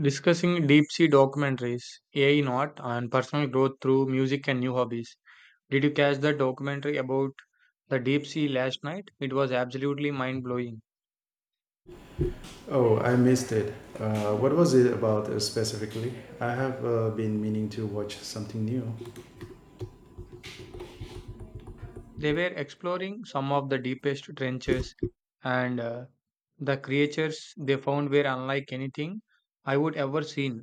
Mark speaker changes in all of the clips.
Speaker 1: Discussing deep sea documentaries, AI not, and personal growth through music and new hobbies. Did you catch the documentary about the deep sea last night? It was absolutely mind blowing.
Speaker 2: Oh, I missed it. What was it about, specifically? I have been meaning to watch something new.
Speaker 1: They were exploring some of the deepest trenches, and the creatures they found were unlike anything I would ever seen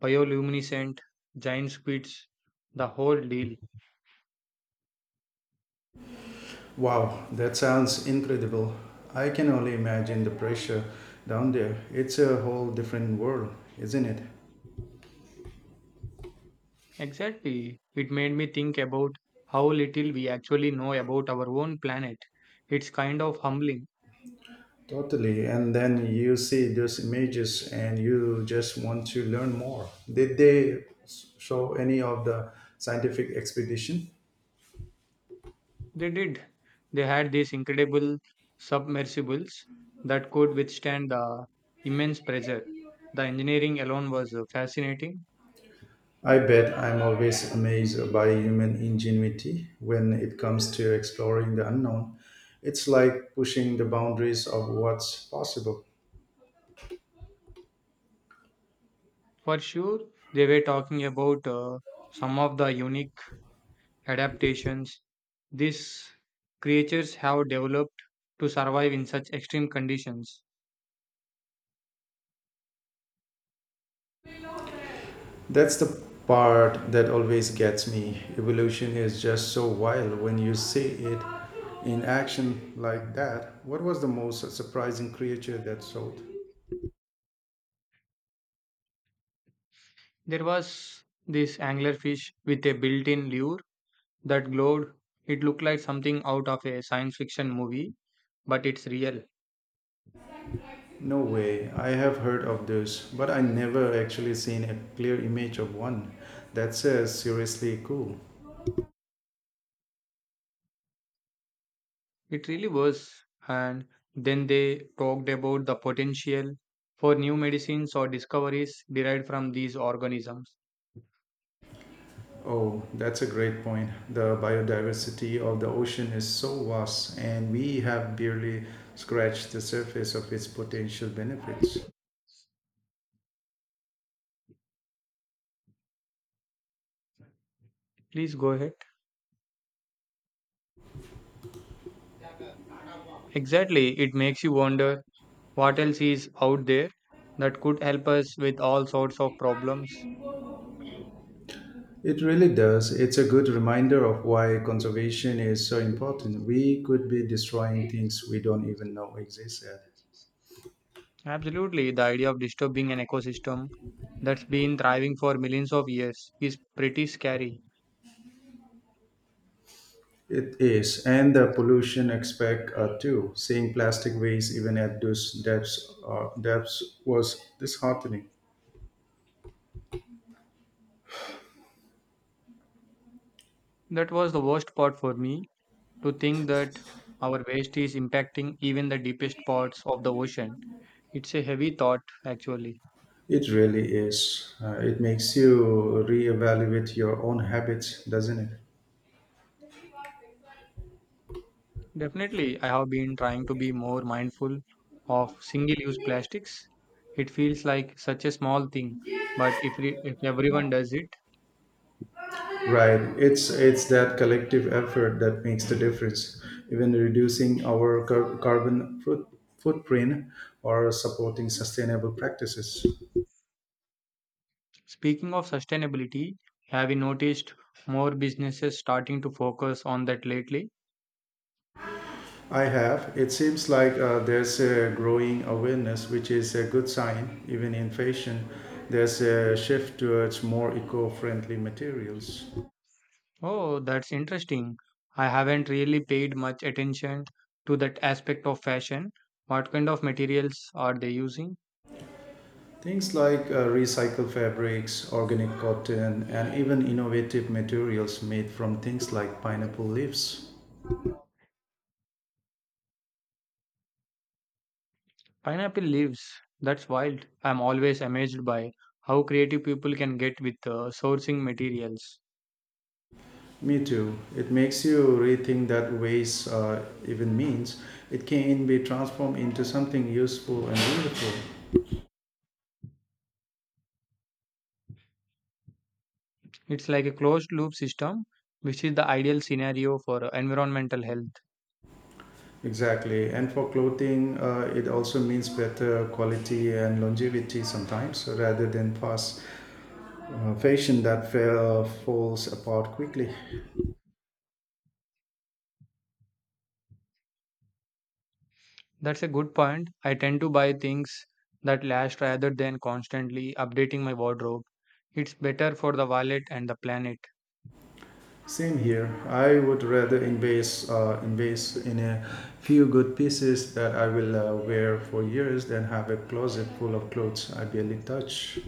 Speaker 1: bioluminescent, giant squids, the whole deal.
Speaker 2: Wow, that sounds incredible. I can only imagine the pressure down there. It's a whole different world, isn't it?
Speaker 1: Exactly. It made me think about how little we actually know about our own planet. It's kind of humbling.
Speaker 2: Totally. And then you see those images and you just want to learn more. Did show any of the scientific expedition?
Speaker 1: They did. They had these incredible submersibles that could withstand the immense pressure. The engineering alone was fascinating.
Speaker 2: I bet. I'm always amazed by human ingenuity when it comes to exploring the unknown. It's like pushing the boundaries of what's possible.
Speaker 1: For sure, they were talking about some of the unique adaptations these creatures have developed to survive in such extreme conditions.
Speaker 2: That's the part that always gets me. Evolution is just so wild when you see it in action like that. What was the most surprising creature that sold?
Speaker 1: There was this anglerfish with a built in lure that glowed. It looked like something out of a science fiction movie, but it's real.
Speaker 2: No way. I have heard of those, but I never actually seen a clear image of one. That's seriously cool.
Speaker 1: It really was. And then they talked about the potential for new medicines or discoveries derived from these organisms.
Speaker 2: Oh, that's a great point. The biodiversity of the ocean is so vast, and we have barely scratched the surface of its potential benefits.
Speaker 1: Please go ahead. Exactly. It makes you wonder what else is out there that could help us with all sorts of problems.
Speaker 2: It really does. It's a good reminder of why conservation is so important. We could be destroying things we don't even know exist yet.
Speaker 1: Absolutely, the idea of disturbing an ecosystem that's been thriving for millions of years is pretty scary.
Speaker 2: It is, and the pollution aspect too. Seeing plastic waste even at those depths was disheartening.
Speaker 1: That was the worst part for me to think that our waste is impacting even the deepest parts of the ocean. It's a heavy thought, actually.
Speaker 2: It really is. It makes you reevaluate your own habits, doesn't it?
Speaker 1: Definitely, I have been trying to be more mindful of single use plastics. It feels like such a small thing, but if everyone does it.
Speaker 2: Right. It's that collective effort that makes the difference. Even reducing our footprint or supporting sustainable practices.
Speaker 1: Speaking of sustainability, have you noticed more businesses starting to focus on that lately?
Speaker 2: I have. It seems like there's a growing awareness, which is a good sign. Even in fashion, there's a shift towards more eco-friendly materials.
Speaker 1: Oh, that's interesting. I haven't really paid much attention to that aspect of fashion. What kind of materials are they using?
Speaker 2: Things like recycled fabrics, organic cotton, and even innovative materials made from things like pineapple leaves.
Speaker 1: Pineapple leaves. That's wild. I'm always amazed by how creative people can get with sourcing materials.
Speaker 2: Me too. It makes you rethink that waste, even means. It can be transformed into something useful and beautiful.
Speaker 1: It's like a closed loop system, which is the ideal scenario for environmental health.
Speaker 2: Exactly. And for clothing, it also means better quality and longevity sometimes rather than fast fashion that falls apart quickly.
Speaker 1: That's a good point. I tend to buy things that last rather than constantly updating my wardrobe. It's better for the wallet and the planet.
Speaker 2: Same here. I would rather invest in a few good pieces that I will wear for years than have a closet full of clothes I barely touch.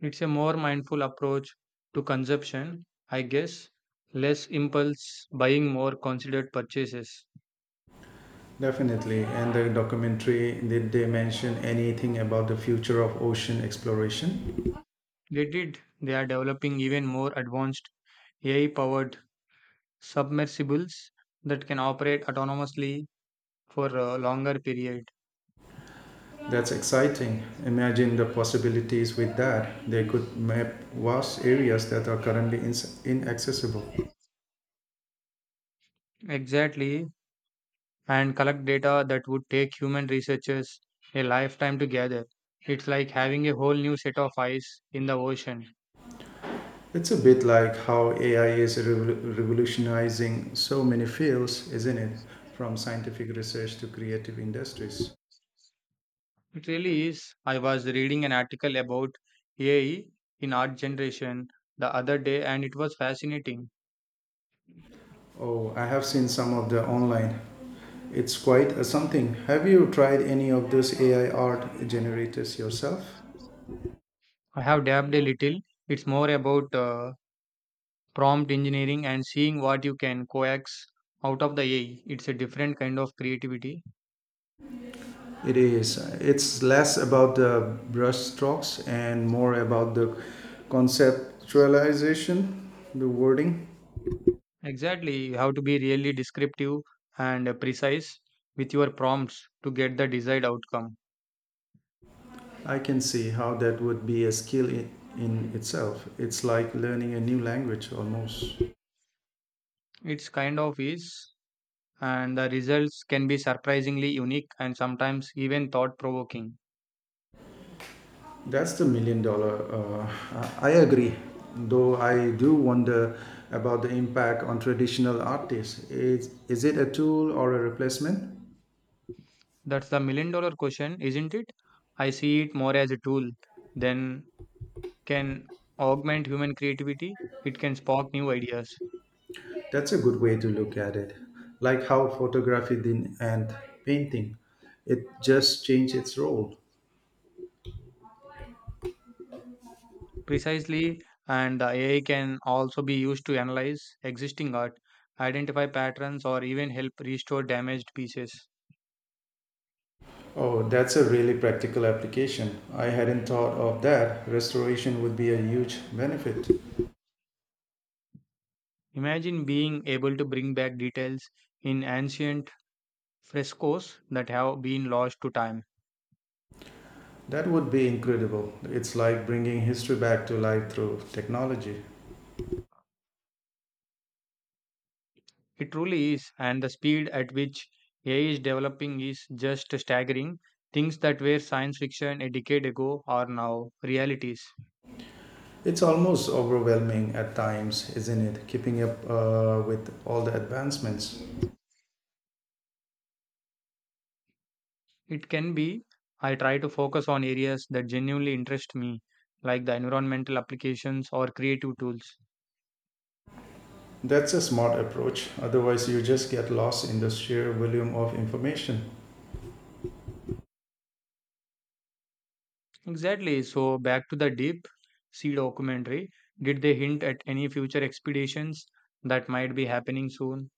Speaker 1: It's a more mindful approach to consumption, I guess. Less impulse buying, more considered purchases.
Speaker 2: Definitely. And the documentary, did they mention anything about the future of ocean exploration?
Speaker 1: They did. They are developing even more advanced AI powered submersibles that can operate autonomously for a longer period.
Speaker 2: That's exciting. Imagine the possibilities with that. They could map vast areas that are currently ins inaccessible.
Speaker 1: Exactly, and collect data that would take human researchers a lifetime to gather. It's like having a whole new set of eyes in the ocean.
Speaker 2: It's a bit like how AI is revolutionizing so many fields, isn't it? From scientific research to creative industries.
Speaker 1: It really is. I was reading an article about AI in art generation the other day and it was fascinating.
Speaker 2: Oh, I have seen some of the online. It's quite a something. Have you tried any of those AI art generators yourself?
Speaker 1: I have dabbed a little. It's more about prompt engineering and seeing what you can coax out of the AI. It's a different kind of creativity.
Speaker 2: It is. It's less about the brush strokes and more about the conceptualization, the wording.
Speaker 1: Exactly, you have to be really descriptive and precise with your prompts to get the desired outcome.
Speaker 2: I can see how that would be a skill in itself. It's like learning a new language almost.
Speaker 1: It's kind of is, and the results can be surprisingly unique and sometimes even thought provoking.
Speaker 2: That's the million dollar. I agree. Though I do wonder about the impact on traditional artists. Is it a tool or a replacement?
Speaker 1: That's the million dollar question, isn't it? I see it more as a tool than can augment human creativity. It can spark new ideas.
Speaker 2: That's a good way to look at it. Like how photography did and painting, it just changed its role.
Speaker 1: Precisely, and AI can also be used to analyze existing art, identify patterns, or even help restore damaged pieces.
Speaker 2: Oh, that's a really practical application. I hadn't thought of that. Restoration would be a huge benefit.
Speaker 1: Imagine being able to bring back details in ancient frescoes that have been lost to time.
Speaker 2: That would be incredible. It's like bringing history back to life through technology.
Speaker 1: It truly is, and the speed at which AI is developing is just staggering. Things that were science fiction a decade ago are now realities.
Speaker 2: It's almost overwhelming at times, isn't it? Keeping up with all the advancements.
Speaker 1: It can be. I try to focus on areas that genuinely interest me, like the environmental applications or creative tools.
Speaker 2: That's a smart approach. Otherwise, you just get lost in the sheer volume of information.
Speaker 1: Exactly. So, back to the Deep Sea documentary. Did they hint at any future expeditions that might be happening soon?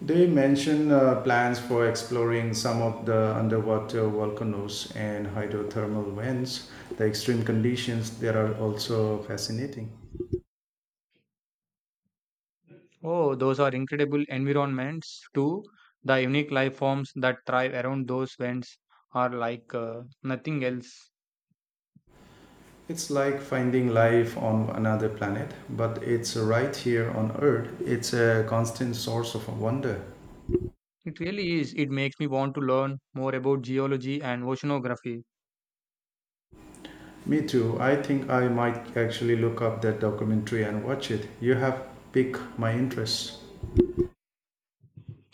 Speaker 2: They mention plans for exploring some of the underwater volcanoes and hydrothermal vents. The extreme conditions there are also fascinating.
Speaker 1: Oh, those are incredible environments too. The unique life forms that thrive around those vents are like nothing else.
Speaker 2: It's like finding life on another planet, but it's right here on Earth. It's a constant source of wonder.
Speaker 1: It really is. It makes me want to learn more about geology and oceanography.
Speaker 2: Me too. I think I might actually look up that documentary and watch it. You have piqued my interest.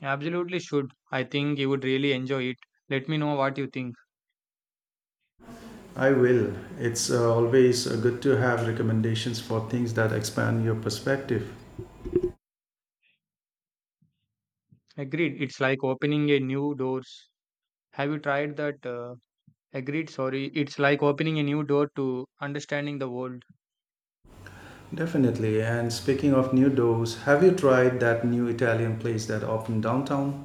Speaker 1: Absolutely should. I think you would really enjoy it. Let me know what you think.
Speaker 2: I will. It's always good to have recommendations for things that expand your perspective.
Speaker 1: Agreed. It's like opening a new doors. Have you tried that? Agreed. Sorry. It's like opening a new door to understanding the world.
Speaker 2: Definitely. And speaking of new doors, have you tried that new Italian place that opened downtown?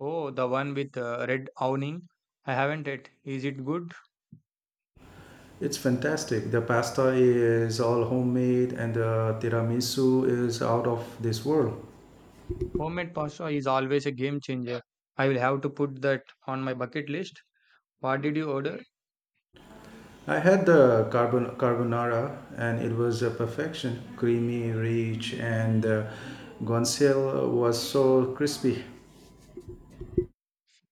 Speaker 1: Oh, the one with red awning. I haven't yet. Is it good?
Speaker 2: It's fantastic. The pasta is all homemade and the tiramisu is out of this world.
Speaker 1: Homemade pasta is always a game changer. I will have to put that on my bucket list. What did you order?
Speaker 2: I had the carbonara and it was a perfection. Creamy, rich, and the guanciale was so crispy.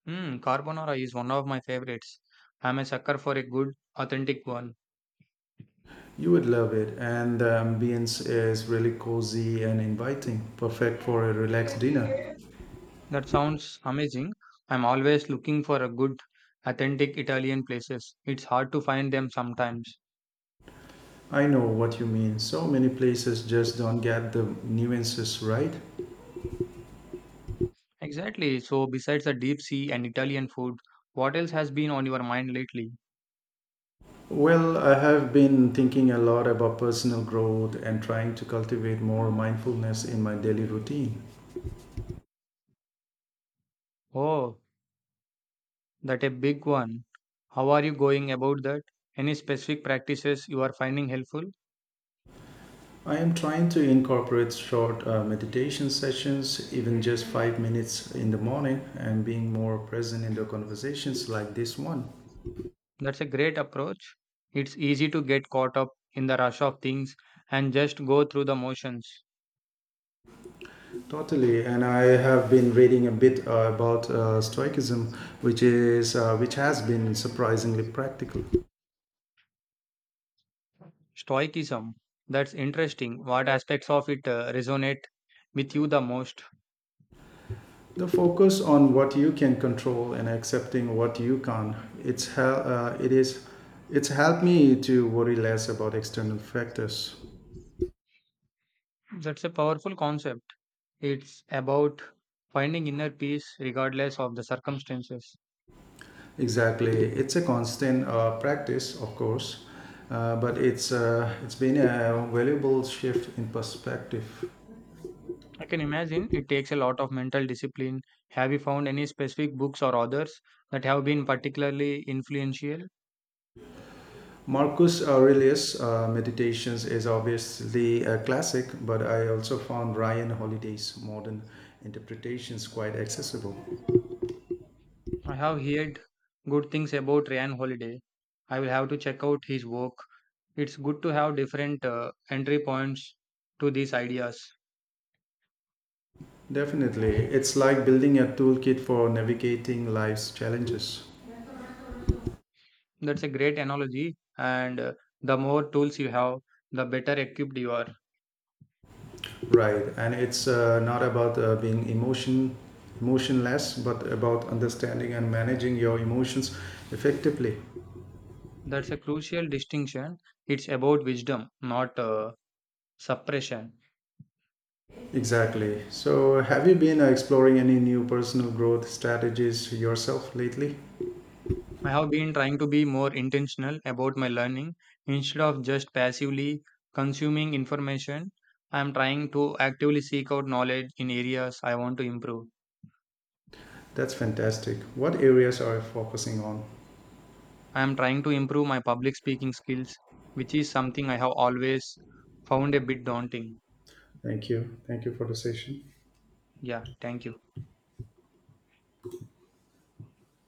Speaker 1: Hmm, carbonara is one of my favorites. I'm a sucker for a good, authentic one.
Speaker 2: You would love it, and the ambience is really cozy and inviting, perfect for a relaxed dinner.
Speaker 1: That sounds amazing. I'm always looking for a good, authentic Italian places. It's hard to find them sometimes.
Speaker 2: I know what you mean. So many places just don't get the nuances right.
Speaker 1: Exactly. So, besides the deep sea and Italian food, what else has been on your mind lately?
Speaker 2: Well, I have been thinking a lot about personal growth and trying to cultivate more mindfulness in my daily routine.
Speaker 1: Oh, that a big one. How are you going about that? Any specific practices you are finding helpful?
Speaker 2: I am trying to incorporate short, meditation sessions, even just 5 minutes in the morning, and being more present in the conversations like this one.
Speaker 1: That's a great approach. It's easy to get caught up in the rush of things and just go through the motions.
Speaker 2: Totally, and I have been reading a bit about Stoicism, which has been surprisingly practical.
Speaker 1: Stoicism. That's interesting. What aspects of it resonate with you the most?
Speaker 2: The focus on what you can control and accepting what you can't. it's hel- uh, it is it's helped me to worry less about external factors.
Speaker 1: That's a powerful concept. It's about finding inner peace regardless of the circumstances.
Speaker 2: Exactly. It's a constant practice, of course, but it's been a valuable shift in perspective.
Speaker 1: I can imagine it takes a lot of mental discipline. Have you found any specific books or authors that have been particularly influential?
Speaker 2: Marcus Aurelius Meditations is obviously a classic, but I also found Ryan Holiday's modern interpretations quite accessible.
Speaker 1: I have heard good things about Ryan Holiday. I will have to check out his work. It's good to have different entry points to these ideas.
Speaker 2: Definitely. It's like building a toolkit for navigating life's challenges.
Speaker 1: That's a great analogy. And the more tools you have, the better equipped you are.
Speaker 2: Right. And it's not about being emotionless, but about understanding and managing your emotions effectively.
Speaker 1: That's a crucial distinction. It's about wisdom, not suppression.
Speaker 2: Exactly. So, have you been exploring any new personal growth strategies yourself lately?
Speaker 1: I have been trying to be more intentional about my learning instead of just passively consuming information. I am trying to actively seek out knowledge in areas I want to improve.
Speaker 2: That's fantastic. What areas are you focusing on?
Speaker 1: I am trying to improve my public speaking skills, which is something I have always found a bit daunting.
Speaker 2: Thank you. Thank you for the session.
Speaker 1: Yeah, thank you.